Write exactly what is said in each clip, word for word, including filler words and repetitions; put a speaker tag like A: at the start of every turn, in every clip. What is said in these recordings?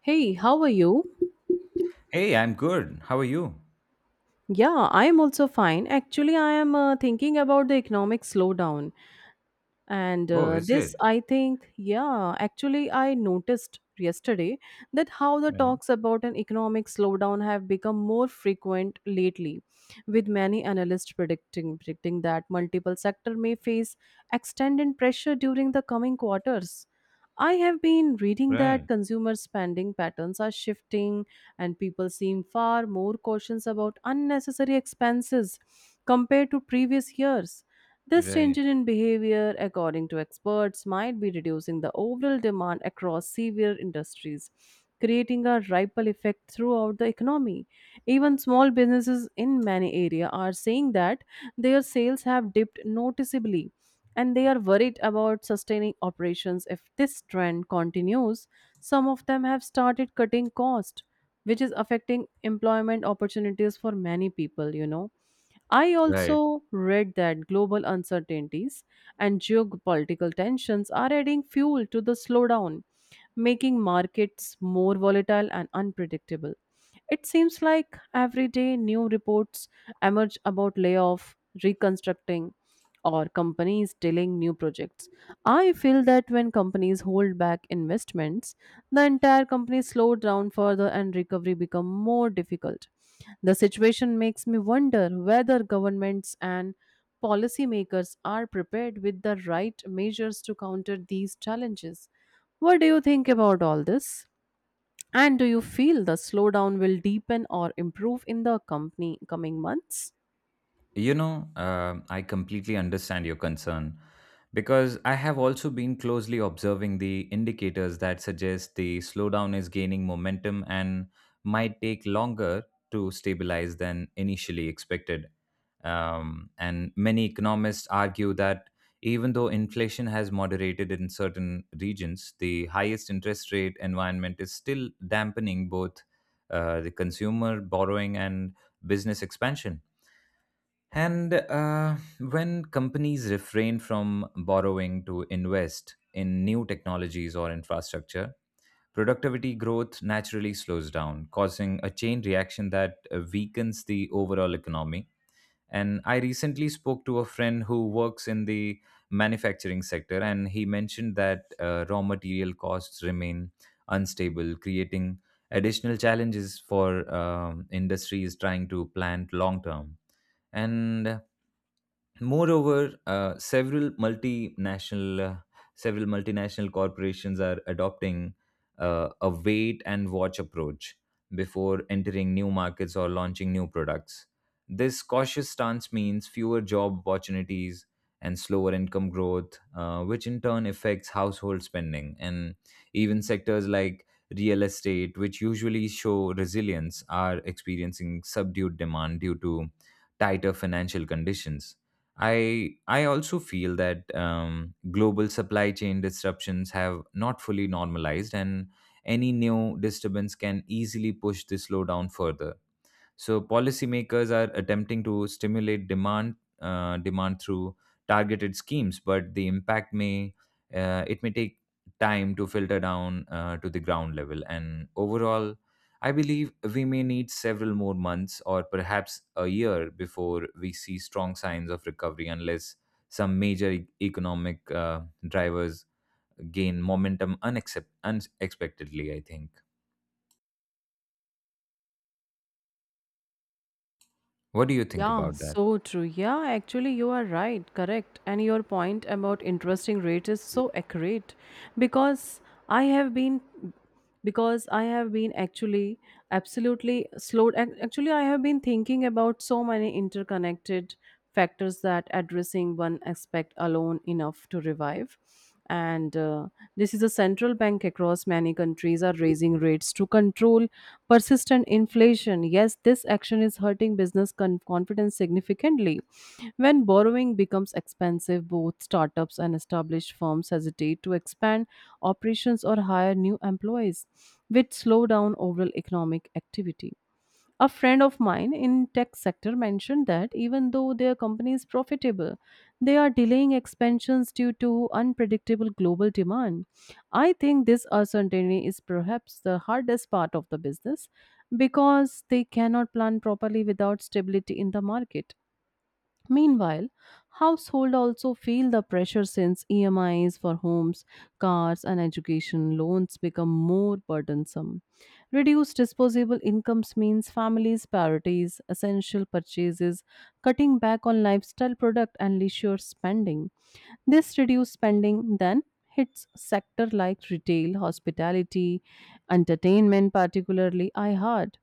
A: Hey, how are you?
B: Hey, I'm good. How are you?
A: Yeah, I am also fine. Actually, I am uh, thinking about the economic slowdown. And
B: Oh,
A: uh,
B: is
A: this,
B: it?
A: I think, yeah, actually, I noticed yesterday that how the
B: Right,
A: talks about an economic slowdown have become more frequent lately, with many analysts predicting predicting that multiple sector may face extended pressure during the coming quarters. I have been reading that
B: right,
A: consumer spending patterns are shifting and people seem far more cautious about unnecessary expenses compared to previous years. This change
B: right,
A: in behavior, according to experts, might be reducing the overall demand across severe industries, creating a ripple effect throughout the economy. Even small businesses in many areas are saying that their sales have dipped noticeably and they are worried about sustaining operations if this trend continues. Some of them have started cutting cost, which is affecting employment opportunities for many people, you know. I
B: right.
A: also read that global uncertainties and geopolitical tensions are adding fuel to the slowdown, making markets more volatile and unpredictable. It seems like every day new reports emerge about layoff, reconstructing, or companies delaying new projects. I feel that when companies hold back investments, the entire company slows down further and recovery become more difficult. The situation makes me wonder whether governments and policymakers are prepared with the right measures to counter these challenges. What do you think about all this? And do you feel the slowdown will deepen or improve in the company coming months?
B: You know, um, I completely understand your concern because I have also been closely observing the indicators that suggest the slowdown is gaining momentum and might take longer to stabilize than initially expected. Um, and many economists argue that even though inflation has moderated in certain regions, the highest interest rate environment is still dampening both uh, the consumer borrowing and business expansion. And uh, when companies refrain from borrowing to invest in new technologies or infrastructure, productivity growth naturally slows down, causing a chain reaction that uh, weakens the overall economy. And I recently spoke to a friend who works in the manufacturing sector, and he mentioned that uh, raw material costs remain unstable, creating additional challenges for um, industries trying to plan long term. And moreover, uh, several multinational uh, several multinational corporations are adopting uh, a wait and watch approach before entering new markets or launching new products. This cautious stance means fewer job opportunities and slower income growth, uh, which in turn affects household spending. And even sectors like real estate, which usually show resilience, are experiencing subdued demand due to tighter financial conditions. I I also feel that um, global supply chain disruptions have not fully normalized, and any new disturbance can easily push the slowdown further. So policymakers are attempting to stimulate demand uh, demand through targeted schemes, but the impact may uh, it may take time to filter down uh, to the ground level. And overall, I believe we may need several more months or perhaps a year before we see strong signs of recovery, unless some major e- economic uh, drivers gain momentum unaccept- unexpectedly, I think. What do you think
A: Yeah,
B: about that?
A: so true. Yeah, actually, you are right. Correct. And your point about interesting rate is so accurate because I have been because i have been actually absolutely slowed ac- actually I have been thinking about so many interconnected factors that addressing one aspect alone enough to revive and uh, this is a central bank across many countries are raising rates to control persistent inflation, yes, this action is hurting business con- confidence significantly. When borrowing becomes expensive, both startups and established firms hesitate to expand operations or hire new employees, which slow down overall economic activity. A friend of mine in tech sector mentioned that even though their company is profitable, they are delaying expansions due to unpredictable global demand. I think this uncertainty is perhaps the hardest part of the business because they cannot plan properly without stability in the market. Meanwhile, household also feel the pressure since E M Is for homes, cars and education loans become more burdensome. Reduced disposable incomes means families prioritize essential purchases, cutting back on lifestyle product and leisure spending. This reduced spending then hits sector like retail, hospitality, entertainment particularly iHeart.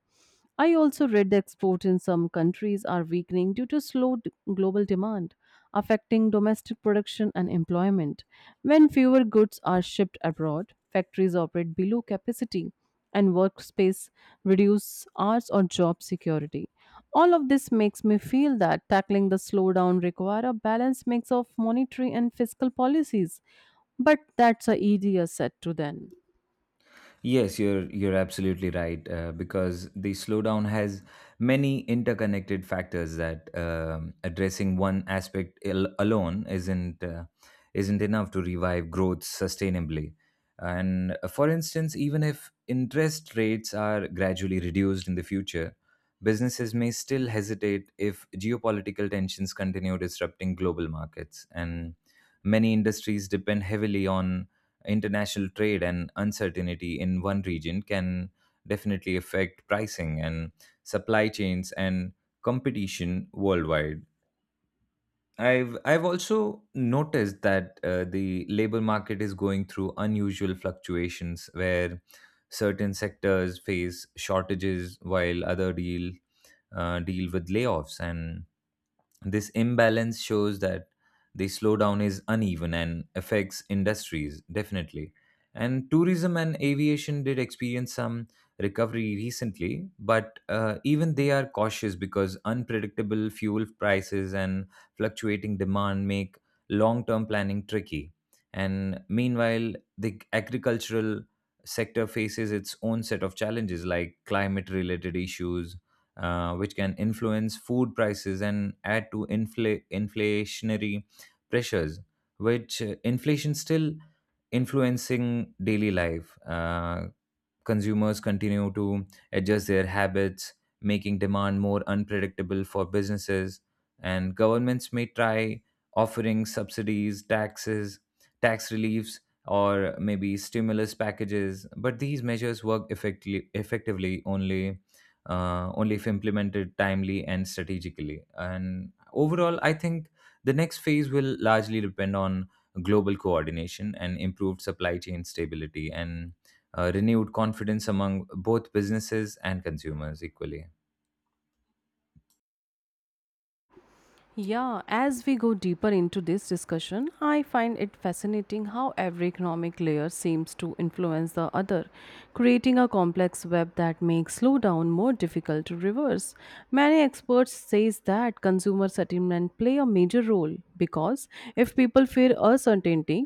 A: I also read that export in some countries are weakening due to slow d- global demand, affecting domestic production and employment. When fewer goods are shipped abroad, factories operate below capacity and workspace reduce hours or job security. All of this makes me feel that tackling the slowdown require a balanced mix of monetary and fiscal policies, but that's a easier said to then.
B: Yes, you're you're absolutely right, uh, because the slowdown has many interconnected factors that, um, addressing one aspect al- alone isn't uh, isn't enough to revive growth sustainably. And uh, for instance, even if interest rates are gradually reduced in the future, businesses may still hesitate if geopolitical tensions continue disrupting global markets. And many industries depend heavily on international trade, and uncertainty in one region can definitely affect pricing and supply chains and competition worldwide. I've I've also noticed that uh, the labor market is going through unusual fluctuations where certain sectors face shortages while other deal uh, deal with layoffs, and this imbalance shows that the slowdown is uneven and affects industries definitely. And tourism and aviation did experience some recovery recently, but uh, even they are cautious because unpredictable fuel prices and fluctuating demand make long term planning tricky. And meanwhile, the agricultural sector faces its own set of challenges like climate related issues, uh, which can influence food prices and add to infl- inflationary pressures, which uh, inflation still influencing daily life. Uh, consumers continue to adjust their habits, making demand more unpredictable for businesses, and governments may try offering subsidies, taxes, tax reliefs, or maybe stimulus packages. But these measures work effectively, effectively only uh, only if implemented timely and strategically. And overall, I think the next phase will largely depend on global coordination and improved supply chain stability and uh, renewed confidence among both businesses and consumers equally.
A: Yeah, as we go deeper into this discussion, I find it fascinating how every economic layer seems to influence the other, creating a complex web that makes slowdown more difficult to reverse. Many experts says that consumer sentiment play a major role because if people fear uncertainty,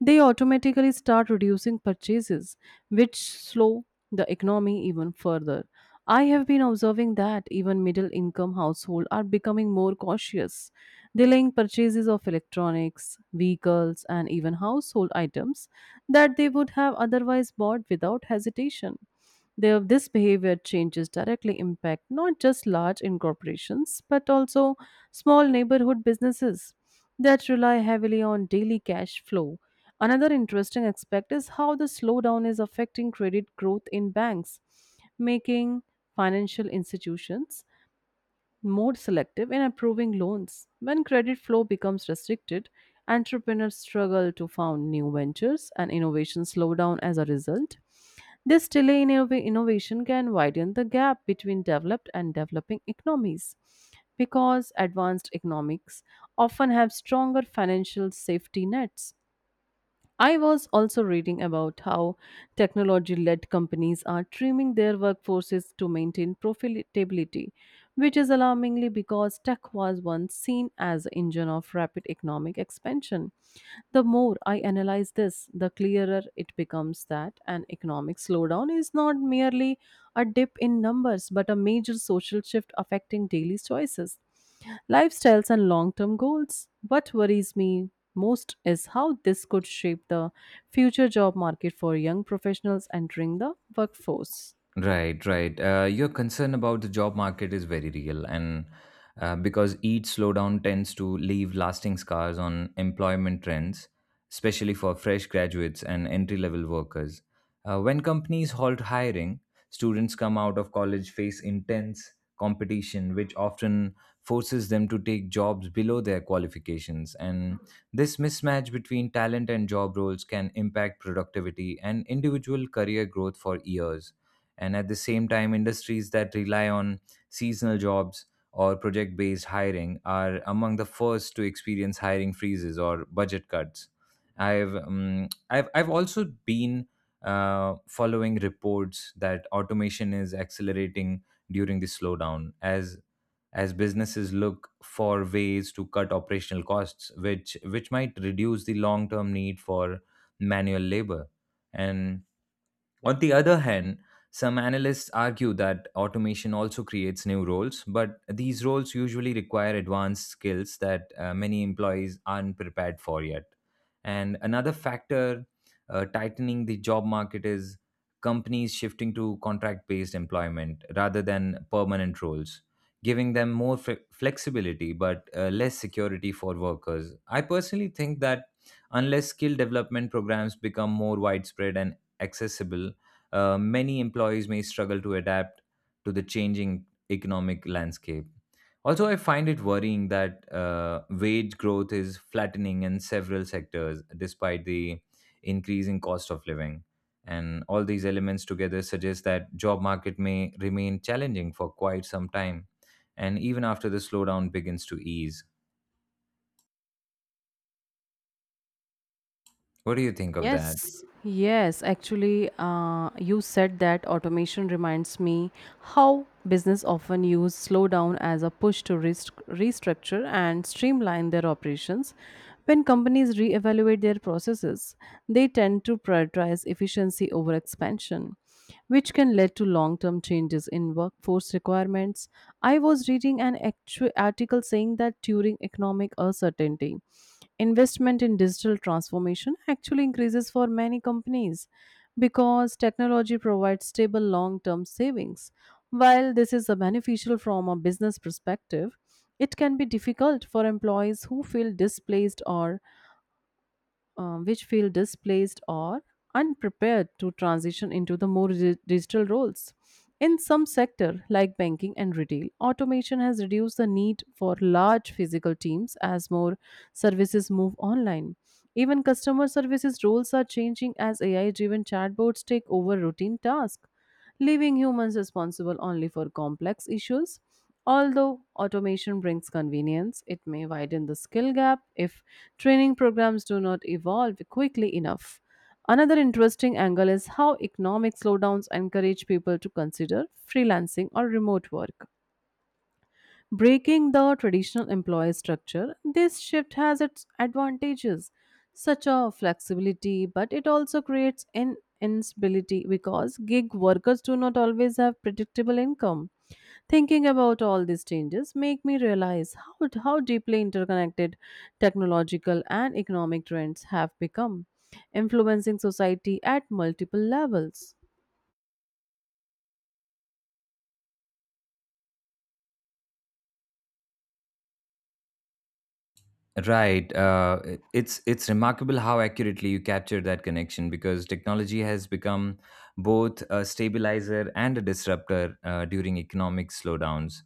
A: they automatically start reducing purchases, which slow the economy even further. I have been observing that even middle income households are becoming more cautious, delaying purchases of electronics, vehicles, and even household items that they would have otherwise bought without hesitation. Their, this behavior changes directly impact not just large incorporations but also small neighborhood businesses that rely heavily on daily cash flow. Another interesting aspect is how the slowdown is affecting credit growth in banks, making financial institutions more selective in approving loans. When credit flow becomes restricted, entrepreneurs struggle to found new ventures and innovations slow down as a result. This delay in innov- innovation can widen the gap between developed and developing economies because advanced economics often have stronger financial safety nets. I was also reading about how technology led companies are trimming their workforces to maintain profitability, which is alarmingly because tech was once seen as the engine of rapid economic expansion. The more I analyze this, the clearer it becomes that an economic slowdown is not merely a dip in numbers but a major social shift affecting daily choices, lifestyles and long term goals. What worries me most is how this could shape the future job market for young professionals entering the workforce.
B: Right, right. Uh, your concern about the job market is very real, and uh, because each slowdown tends to leave lasting scars on employment trends, especially for fresh graduates and entry level workers. Uh, when companies halt hiring, students come out of college face intense competition, which often forces them to take jobs below their qualifications. And this mismatch between talent and job roles can impact productivity and individual career growth for years. And at the same time, industries that rely on seasonal jobs or project based hiring are among the first to experience hiring freezes or budget cuts. I've, um, I've, I've also been uh, following reports that automation is accelerating during the slowdown as as businesses look for ways to cut operational costs, which which might reduce the long term need for manual labor. And on the other hand, some analysts argue that automation also creates new roles, but these roles usually require advanced skills that uh, many employees aren't prepared for yet. And another factor uh, tightening the job market is companies shifting to contract based employment rather than permanent roles, giving them more fle- flexibility but uh, less security for workers. I personally think that unless skill development programs become more widespread and accessible, uh, many employees may struggle to adapt to the changing economic landscape. Also, I find it worrying that uh, wage growth is flattening in several sectors despite the increasing cost of living. And all these elements together suggest that job market may remain challenging for quite some time, and even after the slowdown begins to ease. What do you think of that?
A: Yes, yes, actually, uh, you said that automation reminds me how business often use slowdown as a push to rest- restructure and streamline their operations. When companies reevaluate their processes, they tend to prioritize efficiency over expansion, which can lead to long term changes in workforce requirements. I was reading an actu- article saying that during economic uncertainty, investment in digital transformation actually increases for many companies because technology provides stable long term savings. While this is a beneficial from a business perspective, it can be difficult for employees who feel displaced or uh, which feel displaced or unprepared to transition into the more di- digital roles. In some sector like banking and retail, automation has reduced the need for large physical teams as more services move online. Even customer services roles are changing as A I driven chatbots take over routine tasks, leaving humans responsible only for complex issues. Although automation brings convenience, it may widen the skill gap if training programs do not evolve quickly enough. Another interesting angle is how economic slowdowns encourage people to consider freelancing or remote work. Breaking the traditional employer structure, this shift has its advantages, such as flexibility, but it also creates an instability because gig workers do not always have predictable income. Thinking about all these changes make me realize how, how deeply interconnected technological and economic trends have become, influencing society at multiple levels.
B: Right. Uh, it- it's it's remarkable how accurately you capture that connection because technology has become both a stabilizer and a disruptor uh, during economic slowdowns.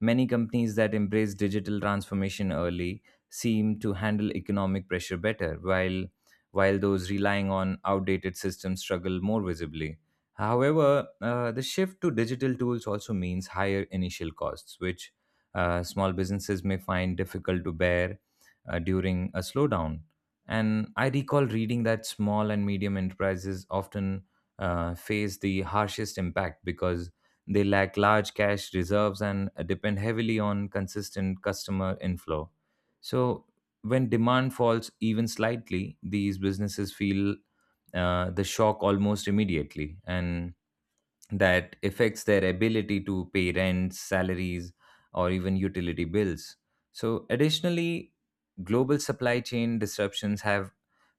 B: Many companies that embrace digital transformation early seem to handle economic pressure better, while while those relying on outdated systems struggle more visibly. However, uh, the shift to digital tools also means higher initial costs, which, uh, small businesses may find difficult to bear uh, during a slowdown. And I recall reading that small and medium enterprises often uh, face the harshest impact because they lack large cash reserves and depend heavily on consistent customer inflow. So, when demand falls even slightly, these businesses feel uh, the shock almost immediately. And that affects their ability to pay rents, salaries, or even utility bills. So, additionally, global supply chain disruptions have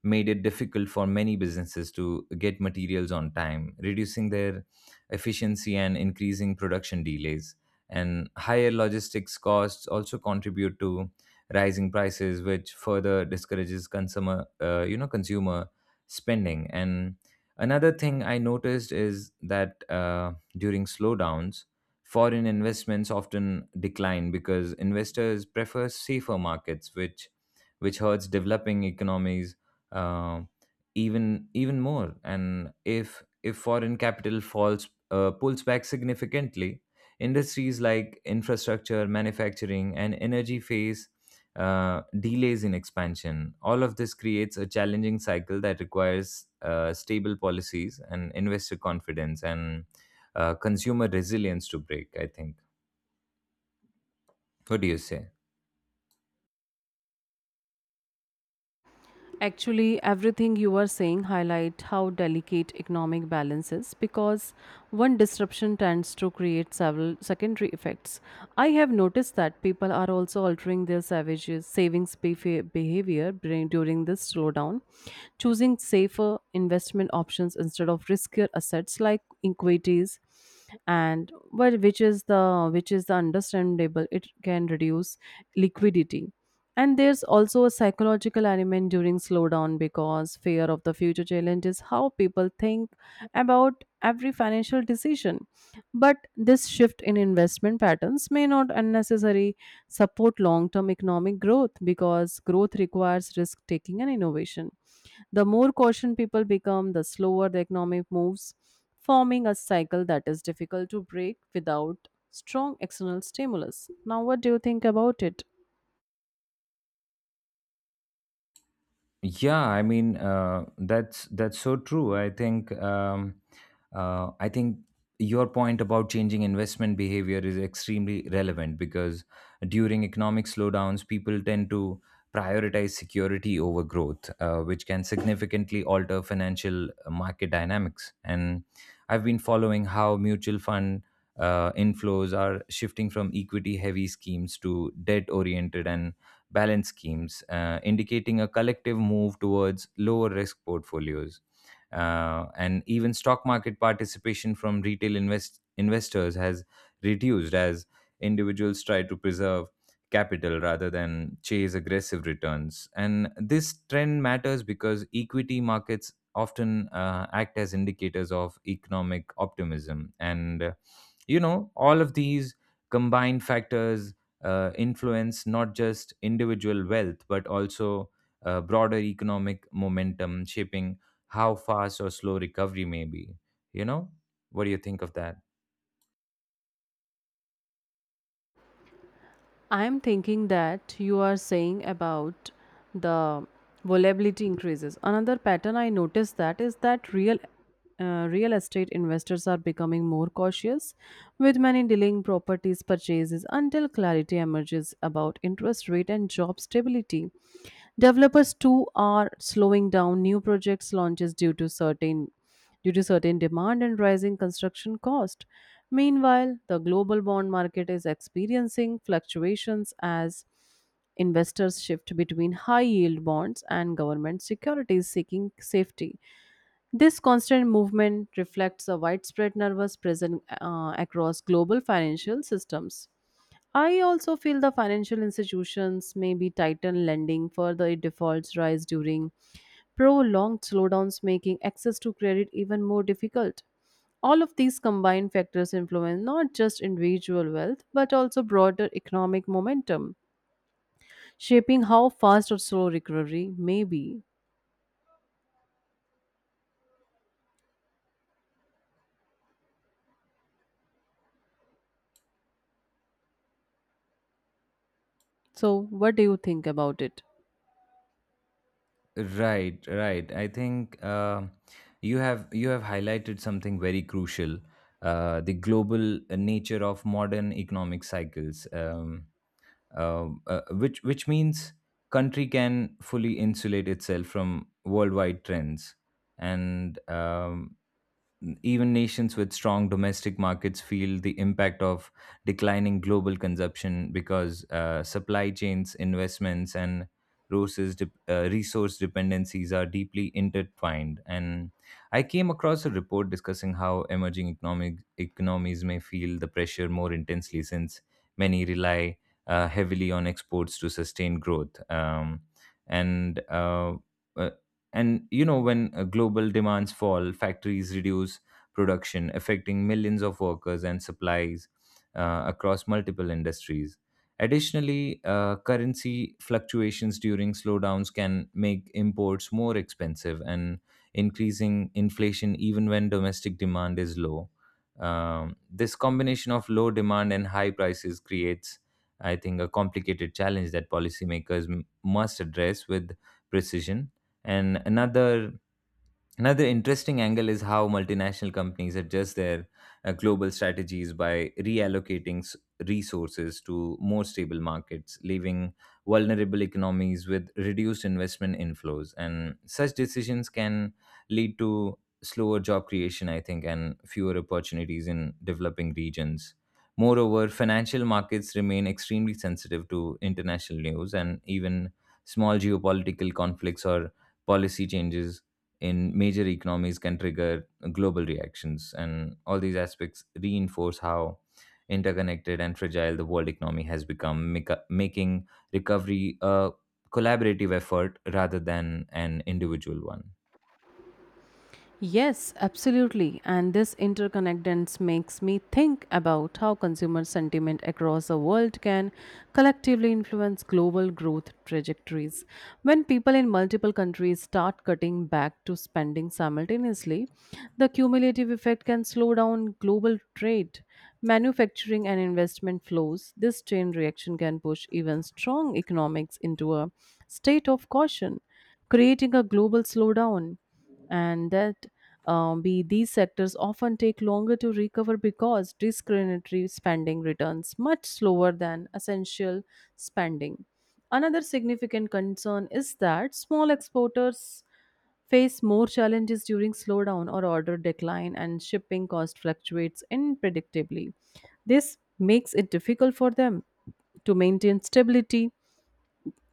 B: made it difficult for many businesses to get materials on time, reducing their efficiency and increasing production delays. And higher logistics costs also contribute to rising prices, which further discourages consumer, uh, you know, consumer spending. And another thing I noticed is that uh, during slowdowns, foreign investments often decline because investors prefer safer markets, which which hurts developing economies uh, even even more. And if if foreign capital falls uh, pulls back significantly, industries like infrastructure, manufacturing, and energy face uh, delays in expansion. All of this creates a challenging cycle that requires uh, stable policies and investor confidence and uh, consumer resilience to break, I think. What do you say?
A: Actually, everything you are saying highlight how delicate economic balance is because one disruption tends to create several secondary effects. I have noticed that people are also altering their savages, savings befe- behavior during during this slowdown, choosing safer investment options instead of riskier assets like equities and well, which is the which is the understandable it can reduce liquidity and there's also a psychological element during slowdown because fear of the future challenge is how people think about every financial decision. But this shift in investment patterns may not unnecessarily support long term economic growth because growth requires risk taking and innovation. The more caution people become, the slower the economic moves, forming a cycle that is difficult to break without strong external stimulus. Now, what do you think about it?
B: Yeah, I mean, uh, that's that's so true. I think, um, uh, I think your point about changing investment behavior is extremely relevant because during economic slowdowns, people tend to prioritize security over growth, uh, which can significantly alter financial market dynamics. And I've been following how mutual fund uh, inflows are shifting from equity-heavy schemes to debt-oriented and balance schemes, uh, indicating a collective move towards lower risk portfolios. Uh, and even stock market participation from retail invest- investors has reduced as individuals try to preserve capital rather than chase aggressive returns. And this trend matters because equity markets often uh, act as indicators of economic optimism. And, uh, you know, all of these combined factors uh, influence not just individual wealth but also uh, broader economic momentum, shaping how fast or slow recovery may be. you know what do you think of that?
A: I'm thinking that you are saying about the volatility increases. Another pattern I noticed that is that real uh, real estate investors are becoming more cautious, with many delaying properties purchases until clarity emerges about interest rate and job stability. Developers too are slowing down new projects launches due to certain due to certain demand and rising construction cost. Meanwhile, the global bond market is experiencing fluctuations as investors shift between high yield bonds and government securities seeking safety. This constant movement reflects a widespread nervous present uh, across global financial systems. I also feel the financial institutions may be tighten lending, further defaults rise during prolonged slowdowns, making access to credit even more difficult. All of these combined factors influence not just individual wealth but also broader economic momentum, shaping how fast or slow recovery may be. So, what do you think about it?
B: Right, right. I think, uh, you have you have highlighted something very crucial, uh, the global nature of modern economic cycles, um, uh, uh, which which means country can fully insulate itself from worldwide trends. And um, Even nations with strong domestic markets feel the impact of declining global consumption because uh, supply chains, investments, and resources, dep uh, resource dependencies are deeply intertwined. And I came across a report discussing how emerging economic economies may feel the pressure more intensely since many rely uh, heavily on exports to sustain growth. Um, and uh, uh, and you know, when uh, global demands fall, factories reduce production, affecting millions of workers and supplies uh, across multiple industries. Additionally, uh, currency fluctuations during slowdowns can make imports more expensive and increasing inflation even when domestic demand is low. Um, this combination of low demand and high prices creates, I think, a complicated challenge that policymakers m- must address with precision. And another Another interesting angle is how multinational companies adjust their uh, global strategies by reallocating s- resources to more stable markets, leaving vulnerable economies with reduced investment inflows. And such decisions can lead to slower job creation, I think, and fewer opportunities in developing regions. Moreover, financial markets remain extremely sensitive to international news, and even small geopolitical conflicts or policy changes in major economies can trigger global reactions. And all these aspects reinforce how interconnected and fragile the world economy has become, make- making recovery a collaborative effort rather than an individual one.
A: Yes, absolutely. And this interconnectedness makes me think about how consumer sentiment across the world can collectively influence global growth trajectories. When people in multiple countries start cutting back to spending simultaneously, the cumulative effect can slow down global trade, manufacturing, and investment flows. This chain reaction can push even strong economics into a state of caution, creating a global slowdown and that um, be these sectors often take longer to recover because discretionary spending returns much slower than essential spending. Another significant concern is that small exporters face more challenges during slowdown or order decline and shipping cost fluctuates unpredictably. This makes it difficult for them to maintain stability.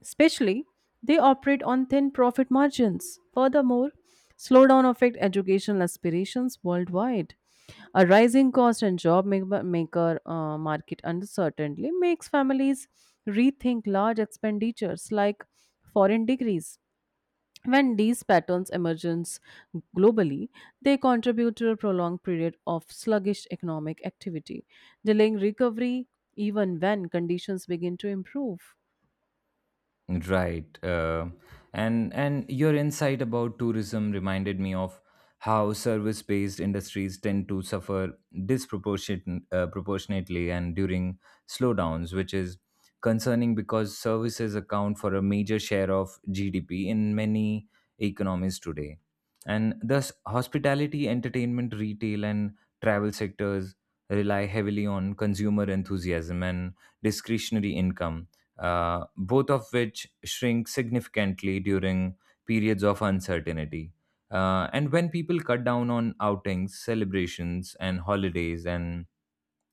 A: Especially, they operate on thin profit margins. Furthermore, slowdown affect educational aspirations worldwide. A rising cost and job ma- maker uh, market uncertainty makes families rethink large expenditures like foreign degrees. When these patterns emergence globally, they contribute to a prolonged period of sluggish economic activity, delaying recovery even when conditions begin to improve.
B: Right. Uh, and and your insight about tourism reminded me of how service-based industries tend to suffer disproportionate uh, proportionately and during slowdowns, which is concerning because services account for a major share of G D P in many economies today. And thus, hospitality, entertainment, retail, and travel sectors rely heavily on consumer enthusiasm and discretionary income, uh, both of which shrink significantly during periods of uncertainty. Uh, and when people cut down on outings, celebrations, and holidays, and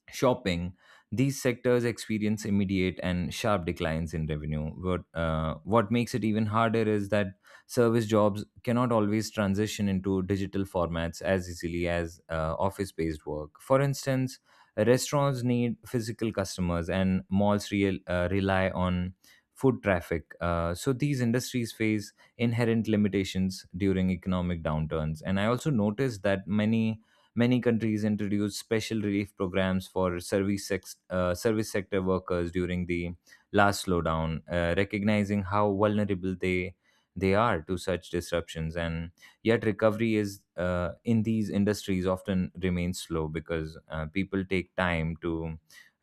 B: shopping, these sectors experience immediate and sharp declines in revenue. What, uh, what makes it even harder is that service jobs cannot always transition into digital formats as easily as uh, office based work. For instance, restaurants need physical customers, and malls real, uh, rely on food traffic. Uh, so these industries face inherent limitations during economic downturns. And I also noticed that many many countries introduced special relief programs for service, sex, uh, service sector workers during the last slowdown, uh, recognizing how vulnerable they they are to such disruptions. And yet, recovery is uh, in these industries often remains slow because uh, people take time to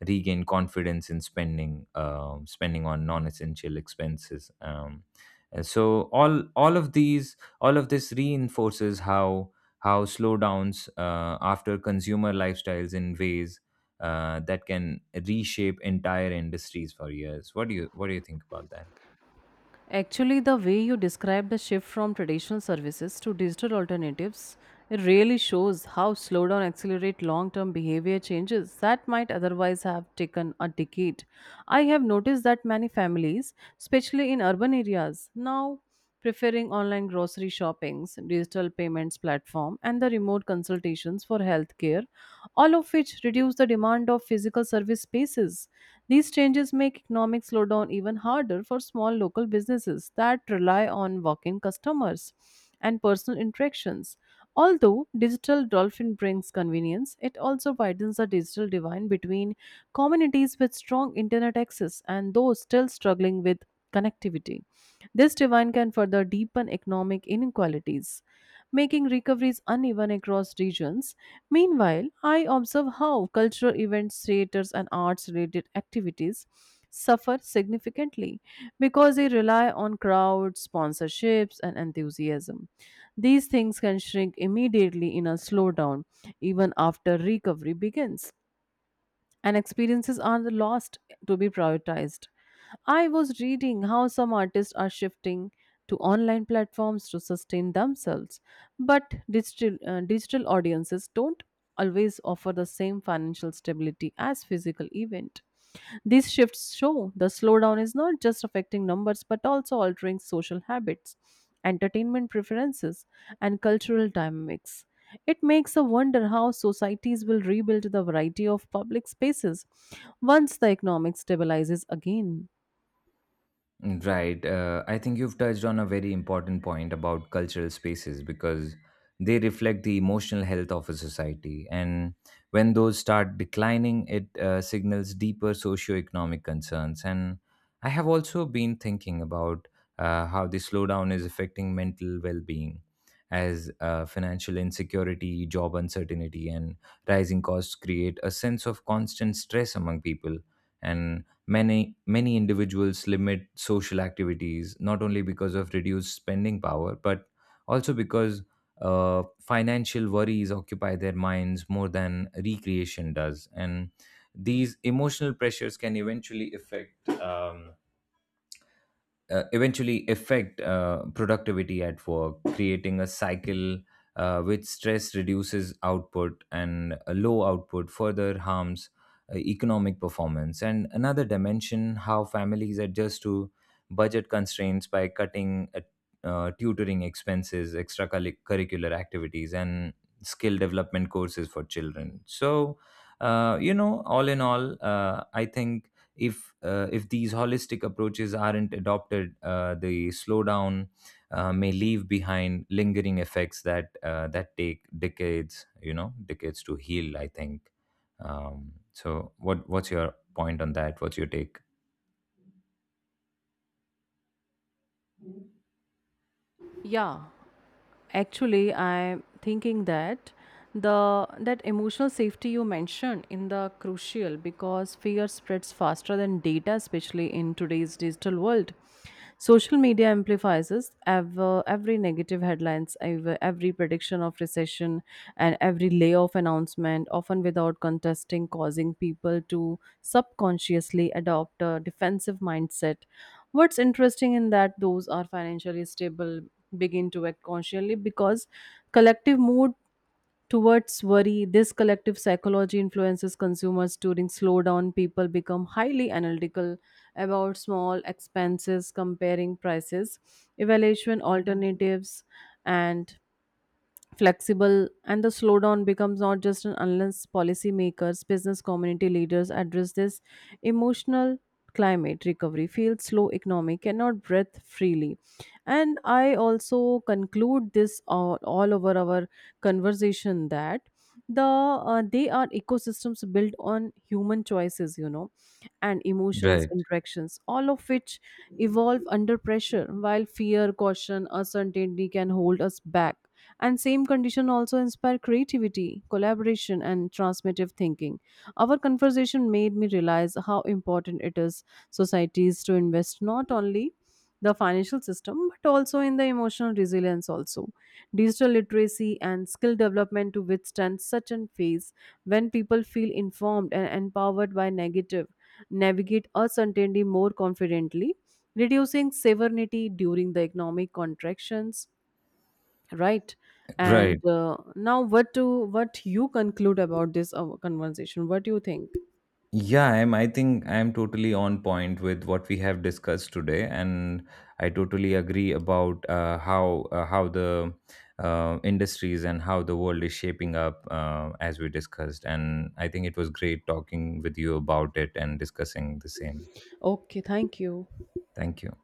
B: regain confidence in spending, uh, spending on non-essential expenses. Um, and so all all of these All of this reinforces how how slowdowns uh, after consumer lifestyles in ways uh, that can reshape entire industries for years. What do you what do you think about that?
A: Actually, the way you describe the shift from traditional services to digital alternatives, it really shows how slow down accelerate long-term behavior changes that might otherwise have taken a decade. I have noticed that many families, especially in urban areas, now preferring online grocery shoppings, digital payments platform, and the remote consultations for healthcare, all of which reduce the demand of physical service spaces. These changes make economic slowdown even harder for small local businesses that rely on walk in customers and personal interactions. Although digital dolphin brings convenience, it also widens the digital divide between communities with strong internet access and those still struggling with connectivity. This divide can further deepen economic inequalities, making recoveries uneven across regions. Meanwhile, I observe how cultural events, theaters, and arts related activities suffer significantly because they rely on crowds, sponsorships, and enthusiasm. These things can shrink immediately in a slowdown, even after recovery begins and experiences are the last to be prioritized. I was reading how some artists are shifting to online platforms to sustain themselves, but digital, uh, digital audiences don't always offer the same financial stability as physical event. These shifts show the slowdown is not just affecting numbers but also altering social habits, entertainment preferences, and cultural dynamics. It makes a wonder how societies will rebuild the variety of public spaces once the economic stabilizes again.
B: Right. Uh, I think you've touched on a very important point about cultural spaces because they reflect the emotional health of a society. And when those start declining, it uh, signals deeper socioeconomic concerns. And I have also been thinking about uh, how the slowdown is affecting mental well being as uh, financial insecurity, job uncertainty, and rising costs create a sense of constant stress among people. And Many, many individuals limit social activities not only because of reduced spending power, but also because uh, financial worries occupy their minds more than recreation does. And these emotional pressures can eventually affect. Um, uh, eventually affect uh, productivity at work, creating a cycle uh, which stress reduces output and a low output further harms uh, economic performance. And another dimension, how families adjust to budget constraints by cutting uh, uh, tutoring expenses, extracurricular activities, and skill development courses for children. So, uh, you know, all in all, uh, I think if uh, if these holistic approaches aren't adopted, uh, the slowdown uh, may leave behind lingering effects that uh, that take decades, you know, decades to heal, I think. Um, so, what what's your point on that? What's your take?
A: Yeah. actually i'm thinking that the that emotional safety you mentioned in the crucial because fear spreads faster than data, especially in today's digital world. Social media amplifies us ever, every negative headlines ever, every prediction of recession and every layoff announcement, often without contesting, causing people to subconsciously adopt a defensive mindset. What's interesting in that those are financially stable begin to act consciously because collective mood towards worry. This collective psychology influences consumers during slowdown. People become highly analytical about small expenses, comparing prices, evaluation alternatives, and flexible, and the slowdown becomes not just an unless policymakers business community leaders address this emotional climate recovery feels slow economic cannot breathe freely. And I also conclude this all, all over our conversation that the uh, they are ecosystems built on human choices you know and emotions
B: Right,
A: interactions, all of which evolve under pressure, while fear caution uncertainty can hold us back and same condition also inspire creativity collaboration and transmissive thinking. Our conversation made me realize how important it is societies to invest not only the financial system but also in the emotional resilience, also digital literacy and skill development, to withstand such a phase. When people feel informed and empowered by negative navigate uncertainty more confidently, reducing severity during the economic contractions. Right.
B: right.
A: and uh, now what to what you conclude about this uh, conversation? What do you think?
B: Yeah, I'm, I think I'm totally on point with what we have discussed today, and I totally agree about uh, how uh, how the uh, industries and how the world is shaping up uh, as we discussed. And I think it was great talking with you about it and discussing the same.
A: Okay, thank you.
B: Thank you.